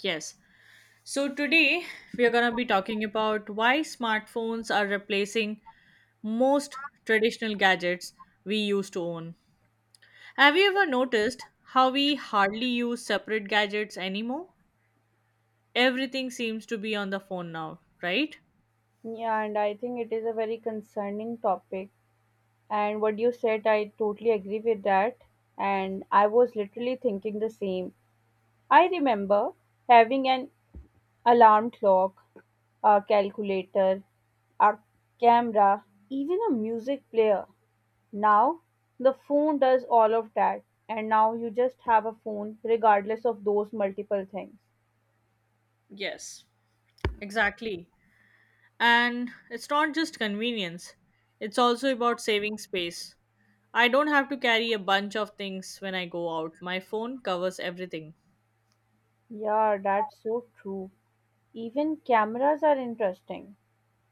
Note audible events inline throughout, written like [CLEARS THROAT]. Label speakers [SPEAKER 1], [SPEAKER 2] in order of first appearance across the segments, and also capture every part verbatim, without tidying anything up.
[SPEAKER 1] Yes. So today we are going to be talking about why smartphones are replacing most traditional gadgets we used to own. Have you ever noticed how we hardly use separate gadgets anymore? Everything seems to be on the phone now, right?
[SPEAKER 2] Yeah, and I think it is a very concerning topic. And what you said, I totally agree with that. And I was literally thinking the same. I remember having an alarm clock, a calculator, a camera, even a music player. Now, the phone does all of that. And now you just have a phone regardless of those multiple things.
[SPEAKER 1] Yes, exactly. And it's not just convenience, it's also about saving space. I don't have to carry a bunch of things when I go out. My phone covers everything.
[SPEAKER 2] Yeah, that's so true. Even cameras are interesting.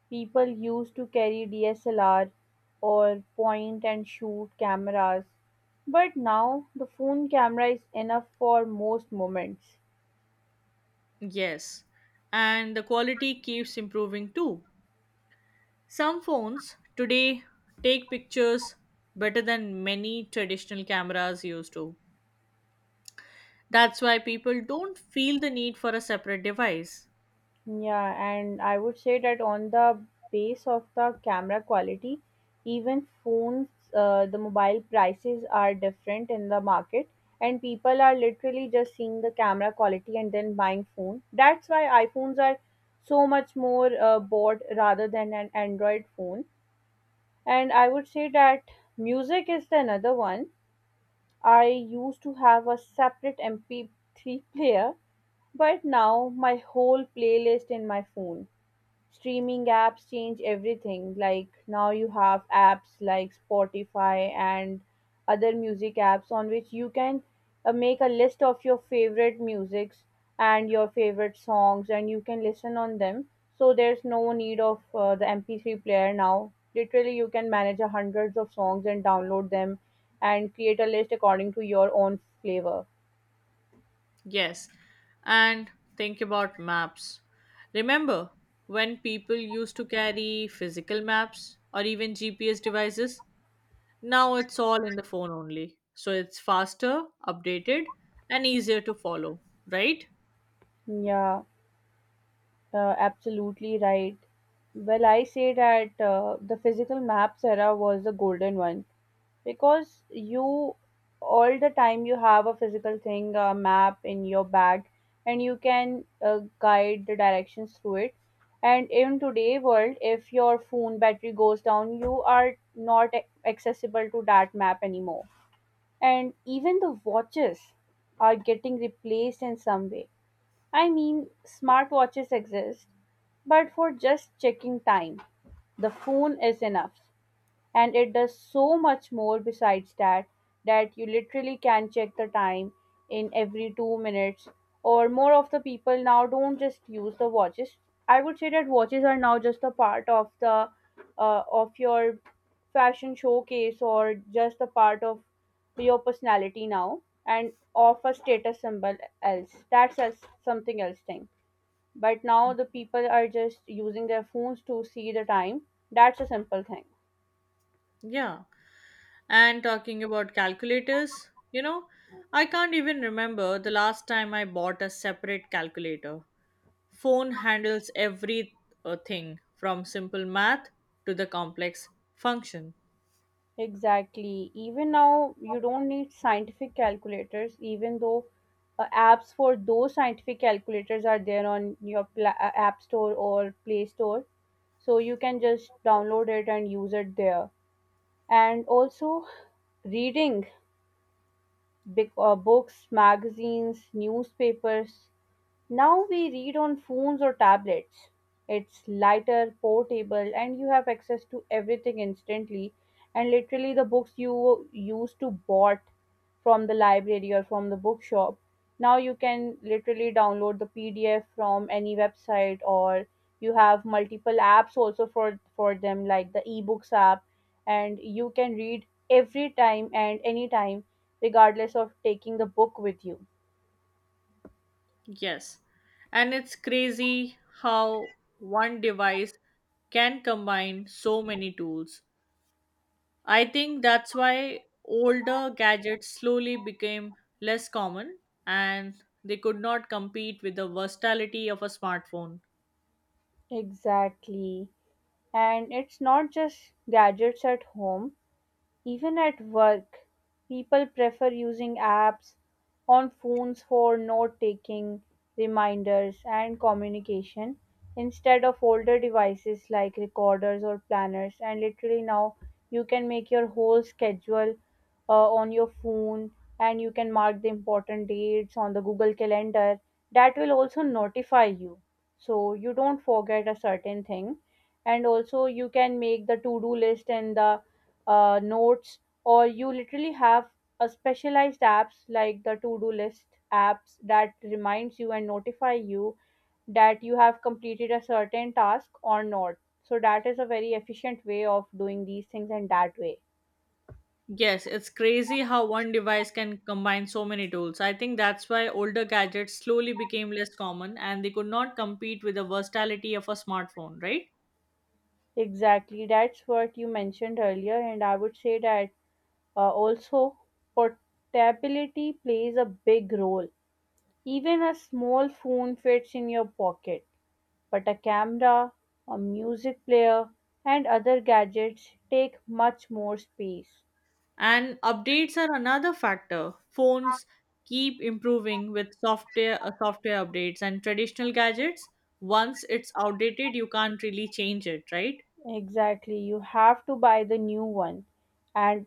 [SPEAKER 2] People used to carry D S L R or point and shoot cameras, but now the phone camera is enough for most moments.
[SPEAKER 1] Yes, and the quality keeps improving too. Some phones today take pictures better than many traditional cameras used to. That's why people don't feel the need for a separate device.
[SPEAKER 2] Yeah, and I would say that on the base of the camera quality, even phones, uh, the mobile prices are different in the market, and people are literally just seeing the camera quality and then buying phone. That's why iPhones are so much more uh, bought rather than an Android phone. And I would say that music is the another one. I used to have a separate M P three player, but now my whole playlist in my phone. Streaming apps change everything. Like now you have apps like Spotify and other music apps on which you can uh, make a list of your favorite musics and your favorite songs and you can listen on them. So there's no need of uh, the M P three player now. Literally you can manage a hundreds of songs and download them and create a list according to your own flavor.
[SPEAKER 1] Yes, and think about maps. Remember when people used to carry physical maps or even G P S devices? Now it's all in the phone only. So it's faster, updated, and easier to follow, right?
[SPEAKER 2] Yeah. Uh, absolutely right. Well, I say that uh, the physical maps era was the golden one because you all the time you have a physical thing, a map in your bag, and you can uh, guide the directions through it. And in today world, if your phone battery goes down, you are not ac- accessible to that map anymore. And even the watches are getting replaced in some way. I mean, smartwatches exist, but for just checking time, the phone is enough and it does so much more besides that, that you literally can check the time in every two minutes or more of the people now don't just use the watches. I would say that watches are now just a part of the uh, of your fashion showcase or just a part of your personality now and of a status symbol else, that's as something else thing. But now the people are just using their phones to see the time. That's a simple thing.
[SPEAKER 1] Yeah. And talking about calculators, you know, I can't even remember the last time I bought a separate calculator. Phone handles every uh, thing from simple math to the complex function.
[SPEAKER 2] Exactly. Even now, you don't need scientific calculators, even though uh, apps for those scientific calculators are there on your pla- uh, App Store or Play Store. So you can just download it and use it there. And also, reading big, uh, books, magazines, newspapers, now we read on phones or tablets. It's lighter, portable, and you have access to everything instantly. And literally, the books you used to bought from the library or from the bookshop, now you can literally download the P D F from any website, or you have multiple apps also for for them, like the eBooks app, and you can read every time and anytime, regardless of taking the book with you.
[SPEAKER 1] Yes. And it's crazy how one device can combine so many tools. I think that's why older gadgets slowly became less common and they could not compete with the versatility of a smartphone.
[SPEAKER 2] Exactly. And it's not just gadgets at home, even at work, people prefer using apps on phones for note taking, reminders, and communication instead of older devices like recorders or planners. And literally, now you can make your whole schedule uh, on your phone and you can mark the important dates on the Google Calendar. That will also notify you so you don't forget a certain thing, and also you can make the to do list and the uh, notes, or you literally have a specialized apps like the to-do list apps that reminds you and notify you that you have completed a certain task or not. So that is a very efficient way of doing these things and that way.
[SPEAKER 1] Yes, it's crazy how one device can combine so many tools. I think that's why older gadgets slowly became less common and they could not compete with the versatility of a smartphone, right?
[SPEAKER 2] Exactly, that's what you mentioned earlier, and I would say that uh, also portability plays a big role. Even a small phone fits in your pocket, but a camera, a music player, and other gadgets take much more space.
[SPEAKER 1] And updates are another factor. Phones keep improving with software uh, software updates and traditional gadgets. Once it's outdated, you can't really change it, right?
[SPEAKER 2] Exactly, you have to buy the new one, and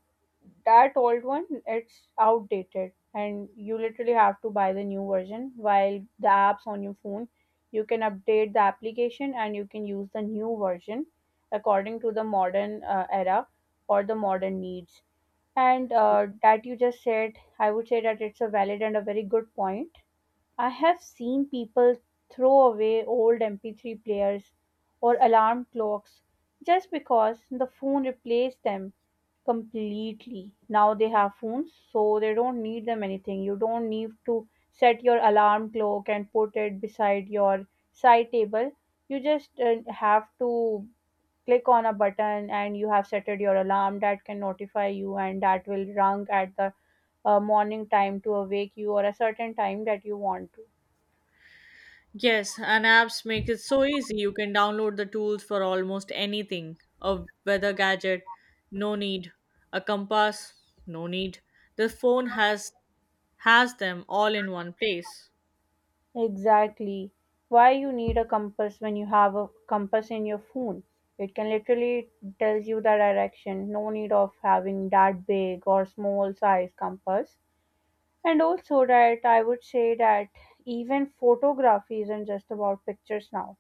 [SPEAKER 2] that old one it's outdated, and you literally have to buy the new version. While the apps on your phone, you can update the application and you can use the new version according to the modern uh, era or the modern needs. And uh, that you just said, I would say that it's a valid and a very good point. I have seen people throw away old M P three players or alarm clocks just because the phone replaced them completely. Now they have phones, so they don't need them anything. You don't need to set your alarm clock and put it beside your side table. You just uh, have to click on a button and you have set your alarm that can notify you and that will rung at the uh, morning time to awake you or a certain time that you want to.
[SPEAKER 1] Yes, and apps make it so easy. You can download the tools for almost anything. A weather gadget, no need. A compass, no need. The phone has has them all in one place.
[SPEAKER 2] Exactly. Why you need a compass when you have a compass in your phone? It can literally tells you the direction. No need of having that big or small size compass. And also that I would say that even photography isn't just about pictures now.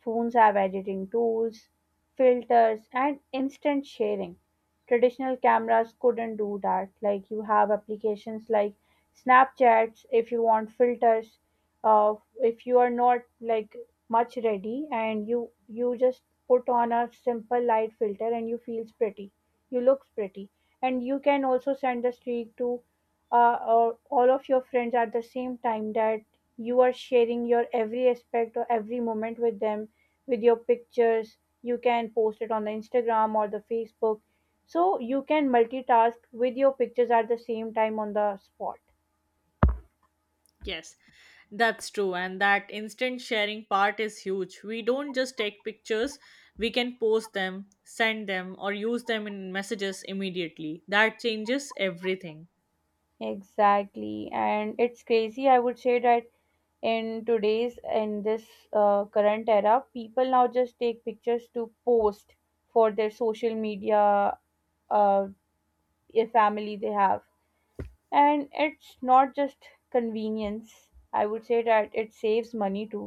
[SPEAKER 2] Phones have editing tools, filters, and instant sharing. Traditional cameras couldn't do that. Like you have applications like Snapchats if you want filters. Uh, if you are not like much ready and you you just put on a simple light filter and you feels pretty, you looks pretty, and you can also send the streak to uh, or all of your friends at the same time, that you are sharing your every aspect or every moment with them with your pictures. You can post it on the instagram or the facebook, so you can multitask with your pictures at the same time on the spot.
[SPEAKER 1] Yes, that's true. And that instant sharing part is huge. We don't just take pictures, we can post them, send them, or use them in messages immediately. That changes everything.
[SPEAKER 2] Exactly. And it's crazy, I would say that in today's, in this uh, current era, people now just take pictures to post for their social media, uh, if family they have. And it's not just convenience, I would say that it saves money too.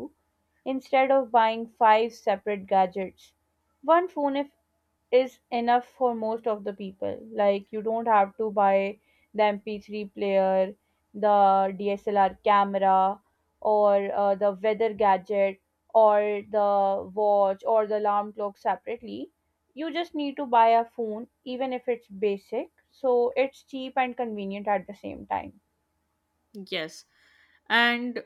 [SPEAKER 2] Instead of buying five separate gadgets, one phone if is enough for most of the people. Like you don't have to buy the M P three player, the D S L R camera, or uh, the weather gadget, or the watch, or the alarm clock separately. You just need to buy a phone, even if it's basic. So it's cheap and convenient at the same time.
[SPEAKER 1] Yes. And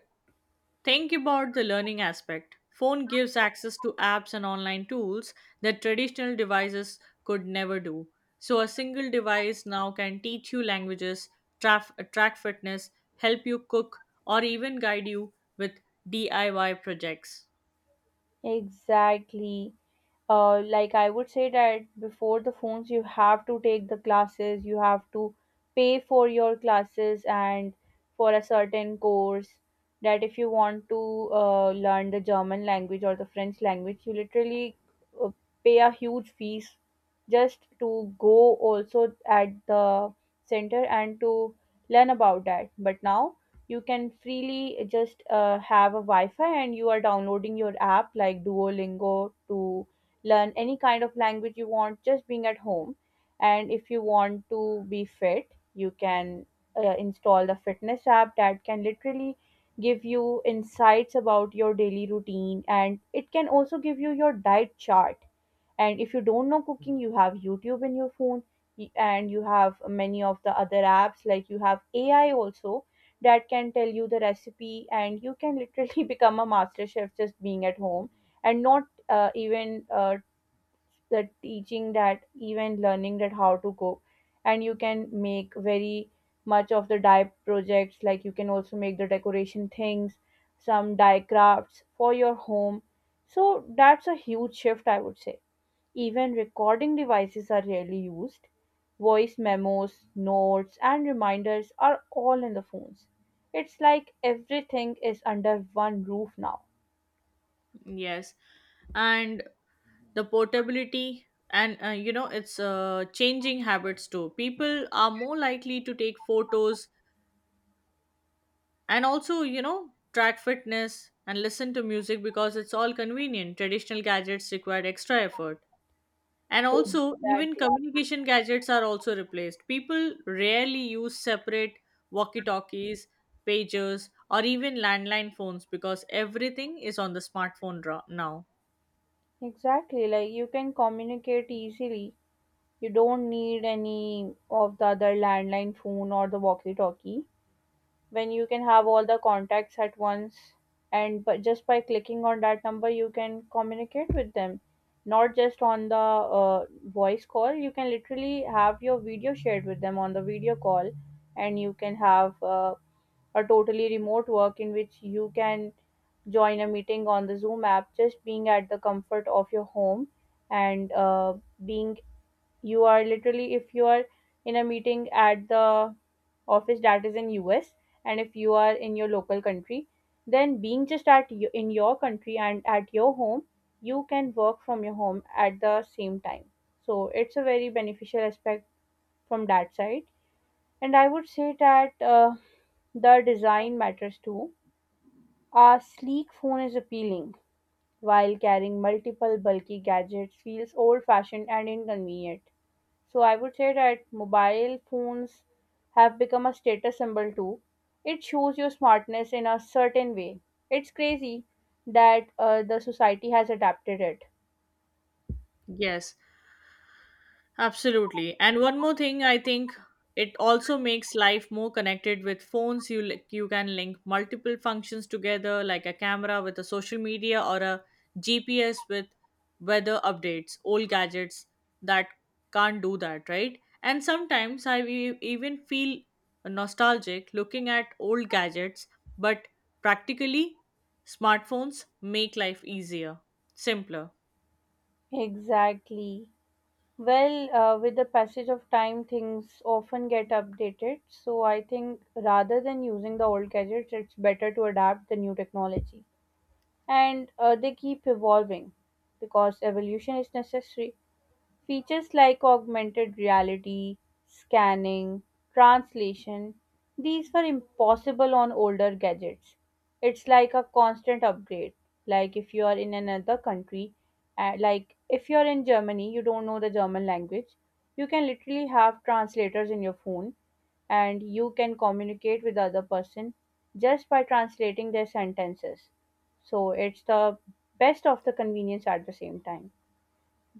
[SPEAKER 1] think about the learning aspect. Phone gives access to apps and online tools that traditional devices could never do. So a single device now can teach you languages, traf- track fitness, help you cook, or even guide you with D I Y projects.
[SPEAKER 2] Exactly. uh, like I would say that before the phones, you have to take the classes, you have to pay for your classes and for a certain course. That if you want to uh, learn the German language or the French language, you literally uh, pay a huge fees just to go also at the center and to learn about that. But now you can freely just uh, have a Wi Fi and you are downloading your app like Duolingo to learn any kind of language you want just being at home. And if you want to be fit you can uh, install the fitness app that can literally give you insights about your daily routine and it can also give you your diet chart. And if you don't know cooking you have youtube in your phone, y- and you have many of the other apps like you have ai also that can tell you the recipe and you can literally [LAUGHS] become a master chef just being at home. And not uh, even uh, the teaching that even learning that how to cope, and you can make very much of the dye projects, like you can also make the decoration things, some dye crafts for your home. So that's a huge shift I would say. Even recording devices are rarely used. Voice memos, notes and reminders are all in the phones. It's like everything is under one roof now.
[SPEAKER 1] Yes, and the portability and uh, you know it's uh, changing habits too. People are more likely to take photos and also you know track fitness and listen to music because it's all convenient. Traditional gadgets required extra effort, and also even
[SPEAKER 2] Exactly.
[SPEAKER 1] communication gadgets are also replaced. People rarely use separate walkie talkies, pagers, or even landline phones because everything is on the smartphone ra- now.
[SPEAKER 2] Exactly, like you can communicate easily. You don't need any of the other landline phone or the walkie-talkie when you can have all the contacts at once, and but just by clicking on that number you can communicate with them, not just on the uh, voice call. You can literally have your video shared with them on the video call. And you can have uh, a totally remote work in which you can join a meeting on the zoom app just being at the comfort of your home. And uh, being you are literally, if you are in a meeting at the office that is in U S and if you are in your local country, then being just at y- in your country and at your home, you can work from your home at the same time. So it's a very beneficial aspect from that side. And I would say that uh, the design matters too. A sleek phone is appealing while carrying multiple bulky gadgets feels old fashioned and inconvenient. So I would say that mobile phones have become a status symbol too. It shows your smartness in a certain way. It's crazy that uh, the society has adapted it.
[SPEAKER 1] Yes, absolutely. And one more thing, I think it also makes life more connected with phones. You li- you can link multiple functions together, like a camera with a social media or a G P S with weather updates. Old gadgets that can't do that, right? And sometimes I e- even feel nostalgic looking at old gadgets, but practically, smartphones make life easier, simpler.
[SPEAKER 2] Exactly. Well, uh, with the passage of time, things often get updated. So I think rather than using the old gadgets, it's better to adapt the new technology. And uh, they keep evolving because evolution is necessary. Features like augmented reality, scanning, translation, these were impossible on older gadgets. It's like a constant upgrade. Like if you are in another country, uh, like if you are in Germany, you don't know the German language, you can literally have translators in your phone and you can communicate with the other person just by translating their sentences. So it's the best of the convenience at the same time.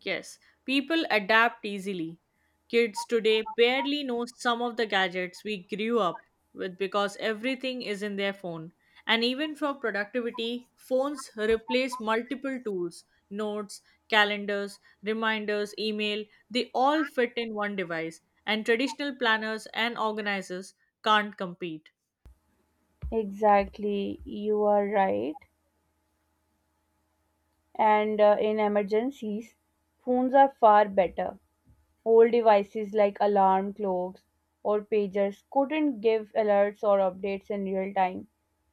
[SPEAKER 1] Yes, people adapt easily. Kids today barely know some of the gadgets we grew up with because everything is in their phone. And even for productivity, phones replace multiple tools: notes, calendars, reminders, email. They all fit in one device, and traditional planners and organizers can't compete.
[SPEAKER 2] Exactly, you are right. And uh, in emergencies, phones are far better. Old devices like alarm clocks or pagers couldn't give alerts or updates in real time.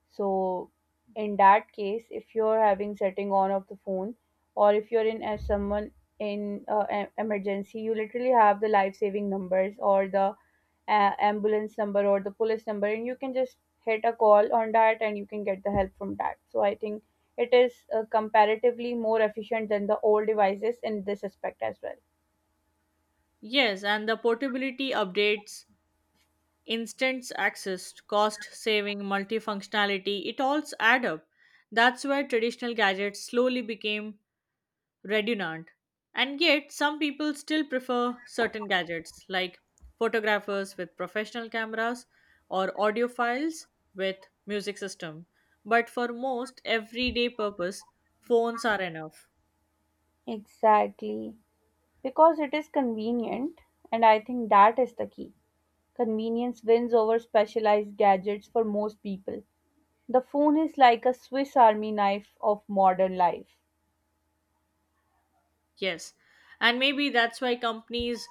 [SPEAKER 2] So, in that case, if you're having setting on of the phone, or if you're in as someone in uh, em- emergency, you literally have the life saving numbers or the uh, ambulance number or the police number, and you can just hit a call on that, and you can get the help from that. So, I think it is uh, comparatively more efficient than the old devices in this aspect as well.
[SPEAKER 1] Yes, and the portability, updates, instant access, cost saving, multifunctionality, it all add up. That's where traditional gadgets slowly became redundant. And yet, some people still prefer certain gadgets, like photographers with professional cameras or audiophiles with music system. But for most everyday purpose, phones are enough.
[SPEAKER 2] Exactly. Because it is convenient, and I think that is the key. Convenience wins over specialized gadgets for most people. The phone is like a Swiss army knife of modern life.
[SPEAKER 1] Yes. And maybe that's why companies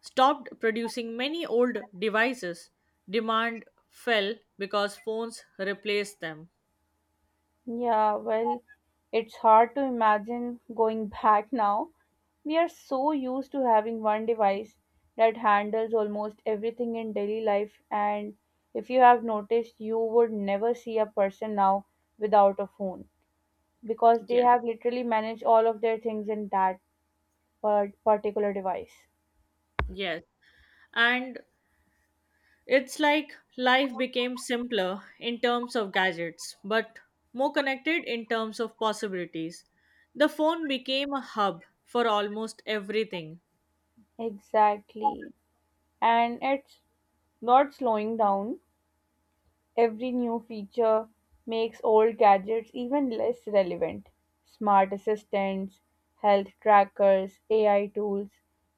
[SPEAKER 1] stopped producing many old devices. Demand fell because phones replaced them.
[SPEAKER 2] Yeah, well, it's hard to imagine going [LAUGHS] back now. We are so used to having one device that handles almost everything in daily life, and if you have noticed, you would never see a person now without a phone, because they
[SPEAKER 1] Yes,
[SPEAKER 2] have literally managed all of their things in that par- particular device.
[SPEAKER 1] yes. And it's like life became simpler in terms of gadgets, but more connected in terms of possibilities. The phone became a hub for almost everything.
[SPEAKER 2] Exactly. And it's not slowing down. Every new feature makes old gadgets even less relevant. Smart assistants, health trackers, A I tools,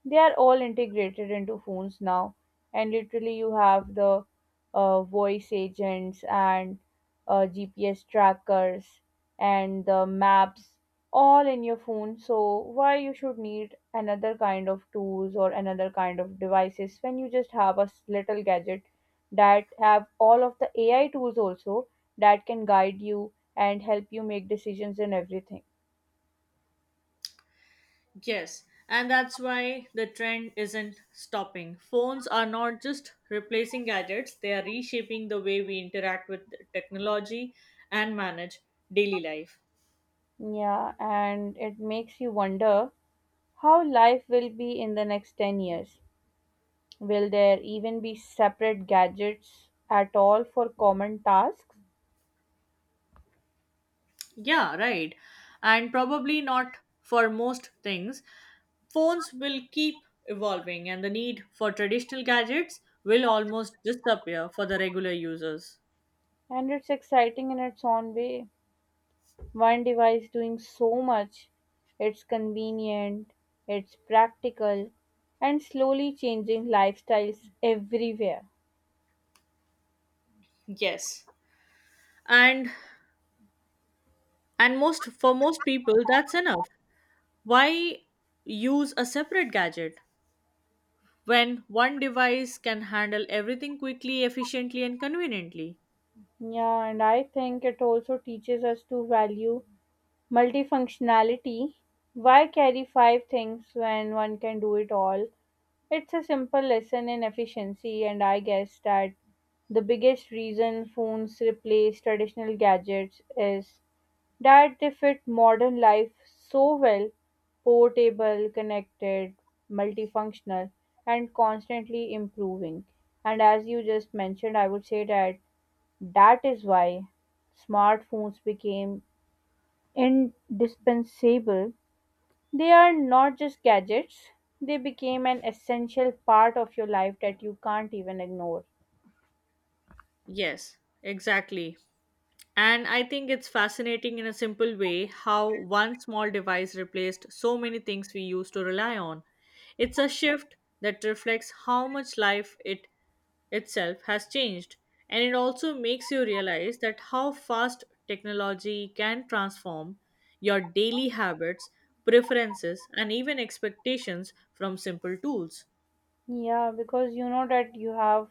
[SPEAKER 2] they are all integrated into phones now. And literally, you have the uh, voice agents and uh, G P S trackers and the maps all in your phone. So, why you should need another kind of tools or another kind of devices when you just have a s- little gadget that have all of the A I tools also that can guide you and help you make decisions in everything.
[SPEAKER 1] Yes, and that's why the trend isn't stopping. Phones are not just replacing gadgets, they are reshaping the way we interact with technology and manage daily life.
[SPEAKER 2] Yeah, and it makes you wonder how life will be in the next ten years. Will there even be separate gadgets at all for common tasks?
[SPEAKER 1] Yeah, right. And probably not for most things. Phones will keep evolving, and the need for traditional gadgets will almost disappear for the regular users.
[SPEAKER 2] And it's exciting in its own way. One device doing so much. It's convenient, it's practical, and slowly changing lifestyles everywhere.
[SPEAKER 1] Yes. And and most for most people that's enough. Why use a separate gadget when one device can handle everything quickly, efficiently, and conveniently?
[SPEAKER 2] Yeah, and I think it also teaches us to value multifunctionality. Why carry five things when one can do it all? It's a simple lesson in efficiency, and I guess that the biggest reason phones replace traditional gadgets is that they fit modern life so well, portable, connected, multifunctional, and constantly improving. And as you just mentioned, I would say that that is why smartphones became indispensable. They are not just gadgets, they became an essential part of your life that you can't even ignore.
[SPEAKER 1] Yes, exactly. And I think it's fascinating in a simple way how one small device replaced so many things we used to rely on. It's a shift that reflects how much life it itself has changed. And it also makes you realize that how fast technology can transform your daily habits, preferences, and even expectations from simple tools.
[SPEAKER 2] Yeah, because you know that you have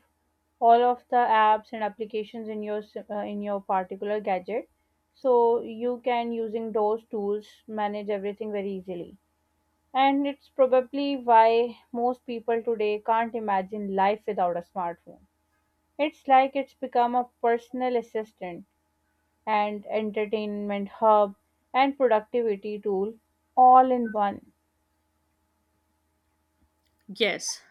[SPEAKER 2] all of the apps and applications in your s- uh, in your particular gadget, so you can using those tools manage everything very easily. And it's probably why most people today can't imagine life without a smartphone. It's like it's become a personal assistant and entertainment hub and productivity tool all in one.
[SPEAKER 1] Yes,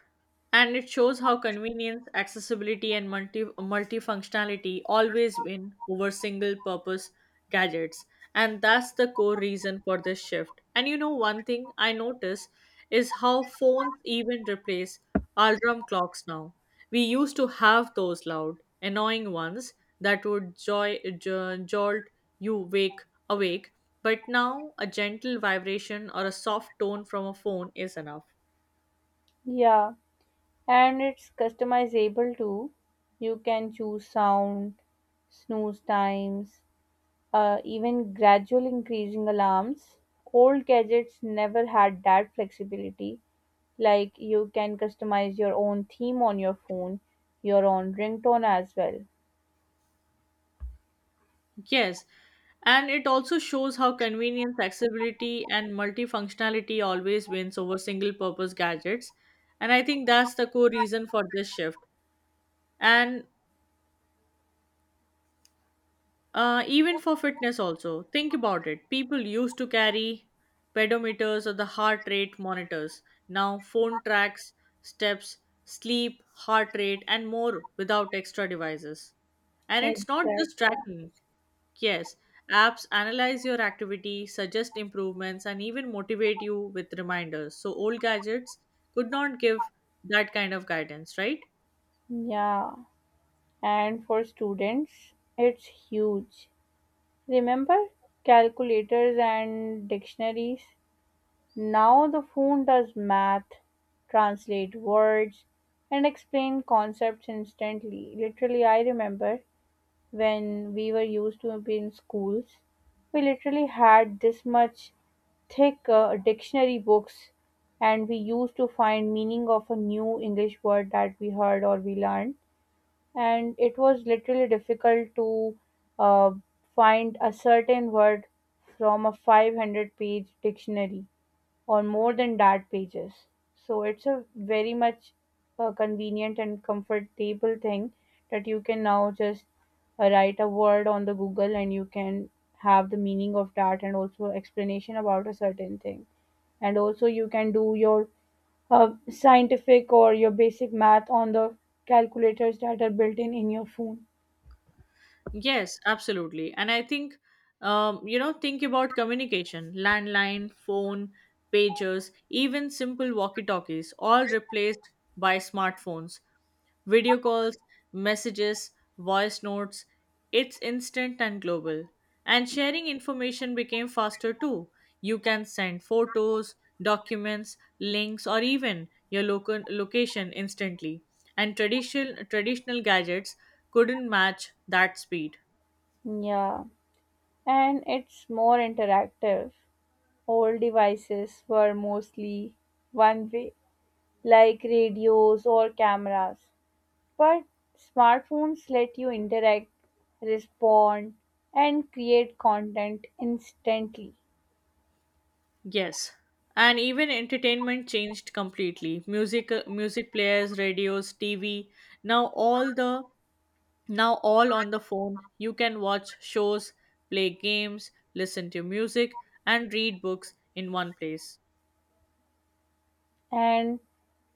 [SPEAKER 1] and it shows how convenience, accessibility, and multi multifunctionality always win over single-purpose gadgets, and that's the core reason for this shift. And you know, one thing I notice is how phones even replace alarm clocks now. We used to have those loud, annoying ones that would joy, jo- jolt you wake awake, but now a gentle vibration or a soft tone from a phone is enough.
[SPEAKER 2] Yeah, and it's customizable too. You can choose sound, snooze times, uh, even gradual increasing alarms. Old gadgets never had that flexibility. Like you can customize your own theme on your phone, your own ringtone as well.
[SPEAKER 1] Yes, and it also shows how convenience, accessibility, and multifunctionality always wins over single purpose gadgets. And I think that's the core reason for this shift. And uh, even for fitness, also, think about it. People used to carry pedometers or the heart rate monitors. Now, phone tracks steps, sleep, heart rate, and more without extra devices. And it's not just
[SPEAKER 2] Exactly.
[SPEAKER 1] tracking. Yes, apps analyze your activity, suggest improvements, and even motivate you with reminders. So, old gadgets could not give that kind of guidance, right?
[SPEAKER 2] Yeah. And for students, it's huge. Remember calculators and dictionaries? Now the phone does math, translate words, and explain concepts instantly. Literally, I remember when we were used to be in schools, we literally had this much thick uh, dictionary books, and we used to find meaning of a new English word that we heard or we learned, and it was literally difficult to uh, find a certain word from a five hundred page dictionary or more than that pages. So it's a very much uh, convenient and comfortable thing that you can now just uh, write a word on the Google and you can have the meaning of that and also explanation about a certain thing. And also you can do your uh, scientific or your basic math on the calculators that are built in in your phone.
[SPEAKER 1] Yes, absolutely. And I think, um, you know, think about communication: landline, phone, pagers, even simple walkie talkies, all replaced by smartphones. Video calls, messages, voice notes, it's instant and global. And sharing information became faster too. You can send photos, documents, links, or even your local location instantly. And traditional traditional gadgets couldn't match that speed.
[SPEAKER 2] Yeah, and it's more interactive. Old devices were mostly one way, like radios or cameras. But smartphones let you interact, respond, and create content instantly.
[SPEAKER 1] Yes. And even entertainment changed completely. Music uh, music players, radios, T V, now all the now all on the phone. You can watch shows, play games, listen to music and read books in one place.
[SPEAKER 2] And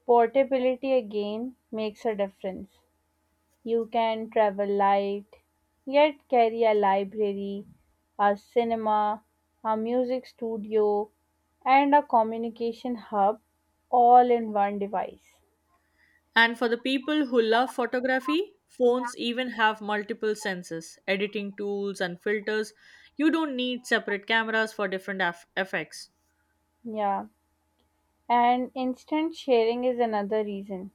[SPEAKER 2] portability again makes a difference. You can travel light, yet carry a library, a cinema, a music studio, and a communication hub all in one device.
[SPEAKER 1] And for the people who love photography, phones even have multiple sensors, editing tools and filters. You don't need separate cameras for different eff- effects.
[SPEAKER 2] Yeah, and instant sharing is another reason.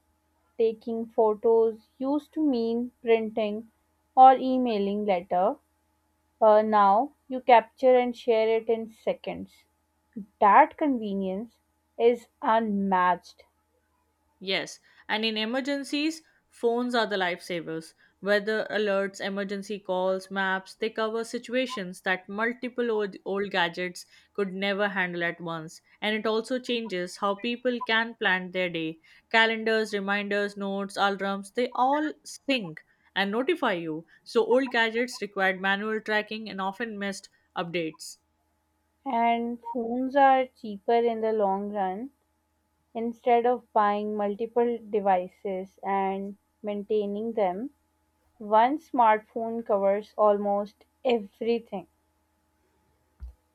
[SPEAKER 2] Taking photos used to mean printing or emailing letter. Uh, now you capture and share it in seconds. That convenience is unmatched.
[SPEAKER 1] Yes, and in emergencies, phones are the lifesavers. Weather alerts, emergency calls, maps, they cover situations that multiple old, old gadgets could never handle at once. And it also changes how people can plan their day. Calendars, reminders, notes, alarms, they all sync and notify you. So old gadgets required manual tracking and often missed updates.
[SPEAKER 2] And phones are cheaper in the long run. Instead of buying multiple devices and maintaining them, one smartphone covers almost everything.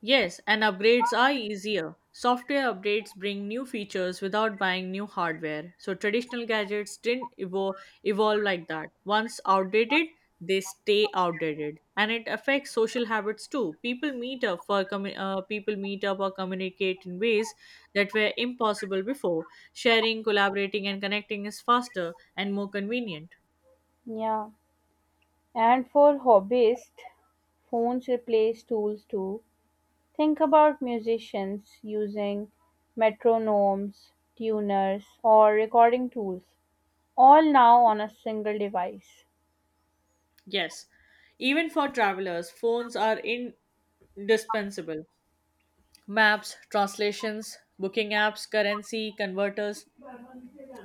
[SPEAKER 1] Yes, and upgrades are easier. Software updates bring new features without buying new hardware. So traditional gadgets didn't evo- evolve like that. Once outdated, they stay outdated, and it affects social habits too. People meet up for commu- uh, people meet up or communicate in ways that were impossible before. Sharing, collaborating, and connecting is faster and more convenient.
[SPEAKER 2] Yeah. And for hobbyists, phones replace tools too. Think about musicians using metronomes, tuners, or recording tools, all now on a single device.
[SPEAKER 1] Yes, even for travelers, phones are indispensable. Maps, translations, booking apps, currency, converters,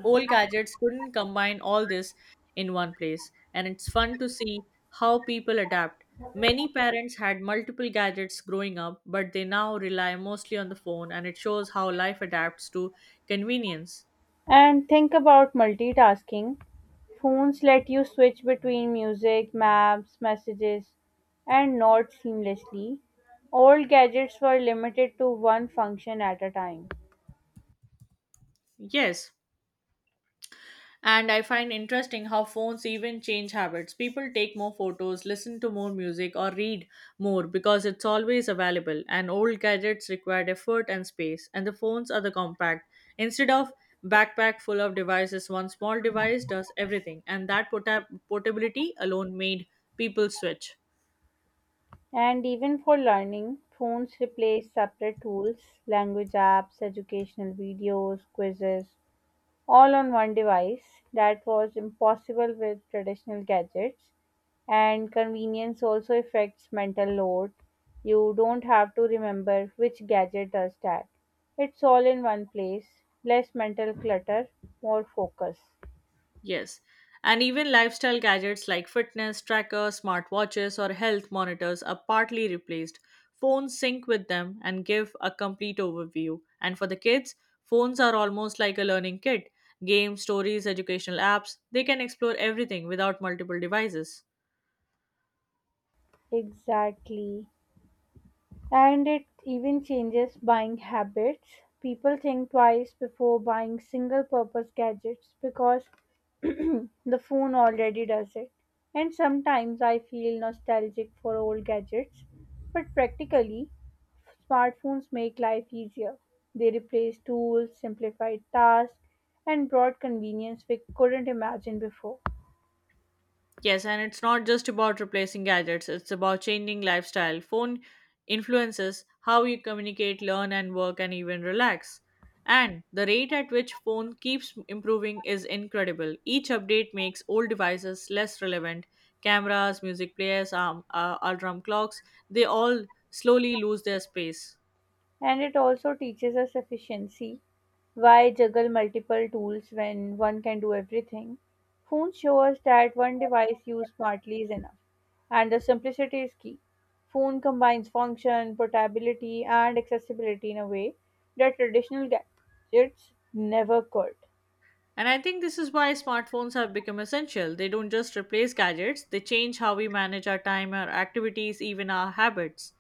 [SPEAKER 1] old gadgets couldn't combine all this in one place. And it's fun to see how people adapt. Many parents had multiple gadgets growing up, but they now rely mostly on the phone, and it shows how life adapts to convenience.
[SPEAKER 2] And think about multitasking. Phones let you switch between music, maps, messages, and notes seamlessly. Old gadgets were limited to one function at a time.
[SPEAKER 1] Yes, and I find interesting how phones even change habits. People take more photos, listen to more music, or read more because it's always available. And old gadgets required effort and space, and the phones are the compact. Instead of backpack full of devices, one small device does everything, and that pota- portability alone made people switch.
[SPEAKER 2] And even for learning, phones replaced separate tools, language apps, educational videos, quizzes, all on one device. That was impossible with traditional gadgets. And convenience also affects mental load. You don't have to remember which gadget does that. It's all in one place. Less mental clutter, more focus.
[SPEAKER 1] Yes. And even lifestyle gadgets like fitness trackers, smartwatches, or health monitors are partly replaced. Phones sync with them and give a complete overview. And for the kids, phones are almost like a learning kit: games, stories, educational apps. They can explore everything without multiple devices.
[SPEAKER 2] Exactly. And it even changes buying habits. People think twice before buying single purpose gadgets because [CLEARS THROAT] the phone already does it. And sometimes I feel nostalgic for old gadgets, but practically, smartphones make life easier. They replace tools, simplified tasks, and brought convenience we couldn't imagine before.
[SPEAKER 1] Yes, and it's not just about replacing gadgets, it's about changing lifestyle. Phone influences how you communicate, learn, and work, and even relax. And the rate at which phone keeps improving is incredible. Each update makes old devices less relevant. Cameras, music players, um, uh, alarm clocks, they all slowly lose their space.
[SPEAKER 2] And it also teaches us efficiency. Why juggle multiple tools when one can do everything? Phones show us that one device used smartly is enough, and the simplicity is key. Phone combines function, portability, and accessibility in a way that traditional gadgets never could.
[SPEAKER 1] And I think this is why smartphones have become essential. They don't just replace gadgets, they change how we manage our time, our activities, even our habits.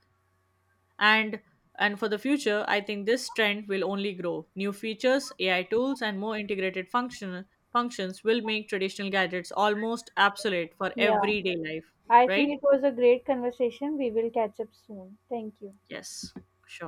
[SPEAKER 1] And and for the future, I think this trend will only grow. New features, A I tools, and more integrated function functions will make traditional gadgets almost obsolete for
[SPEAKER 2] Yeah,
[SPEAKER 1] everyday life.
[SPEAKER 2] I think
[SPEAKER 1] Right.
[SPEAKER 2] it was a great conversation. We will catch up soon. Thank you.
[SPEAKER 1] Yes. Sure.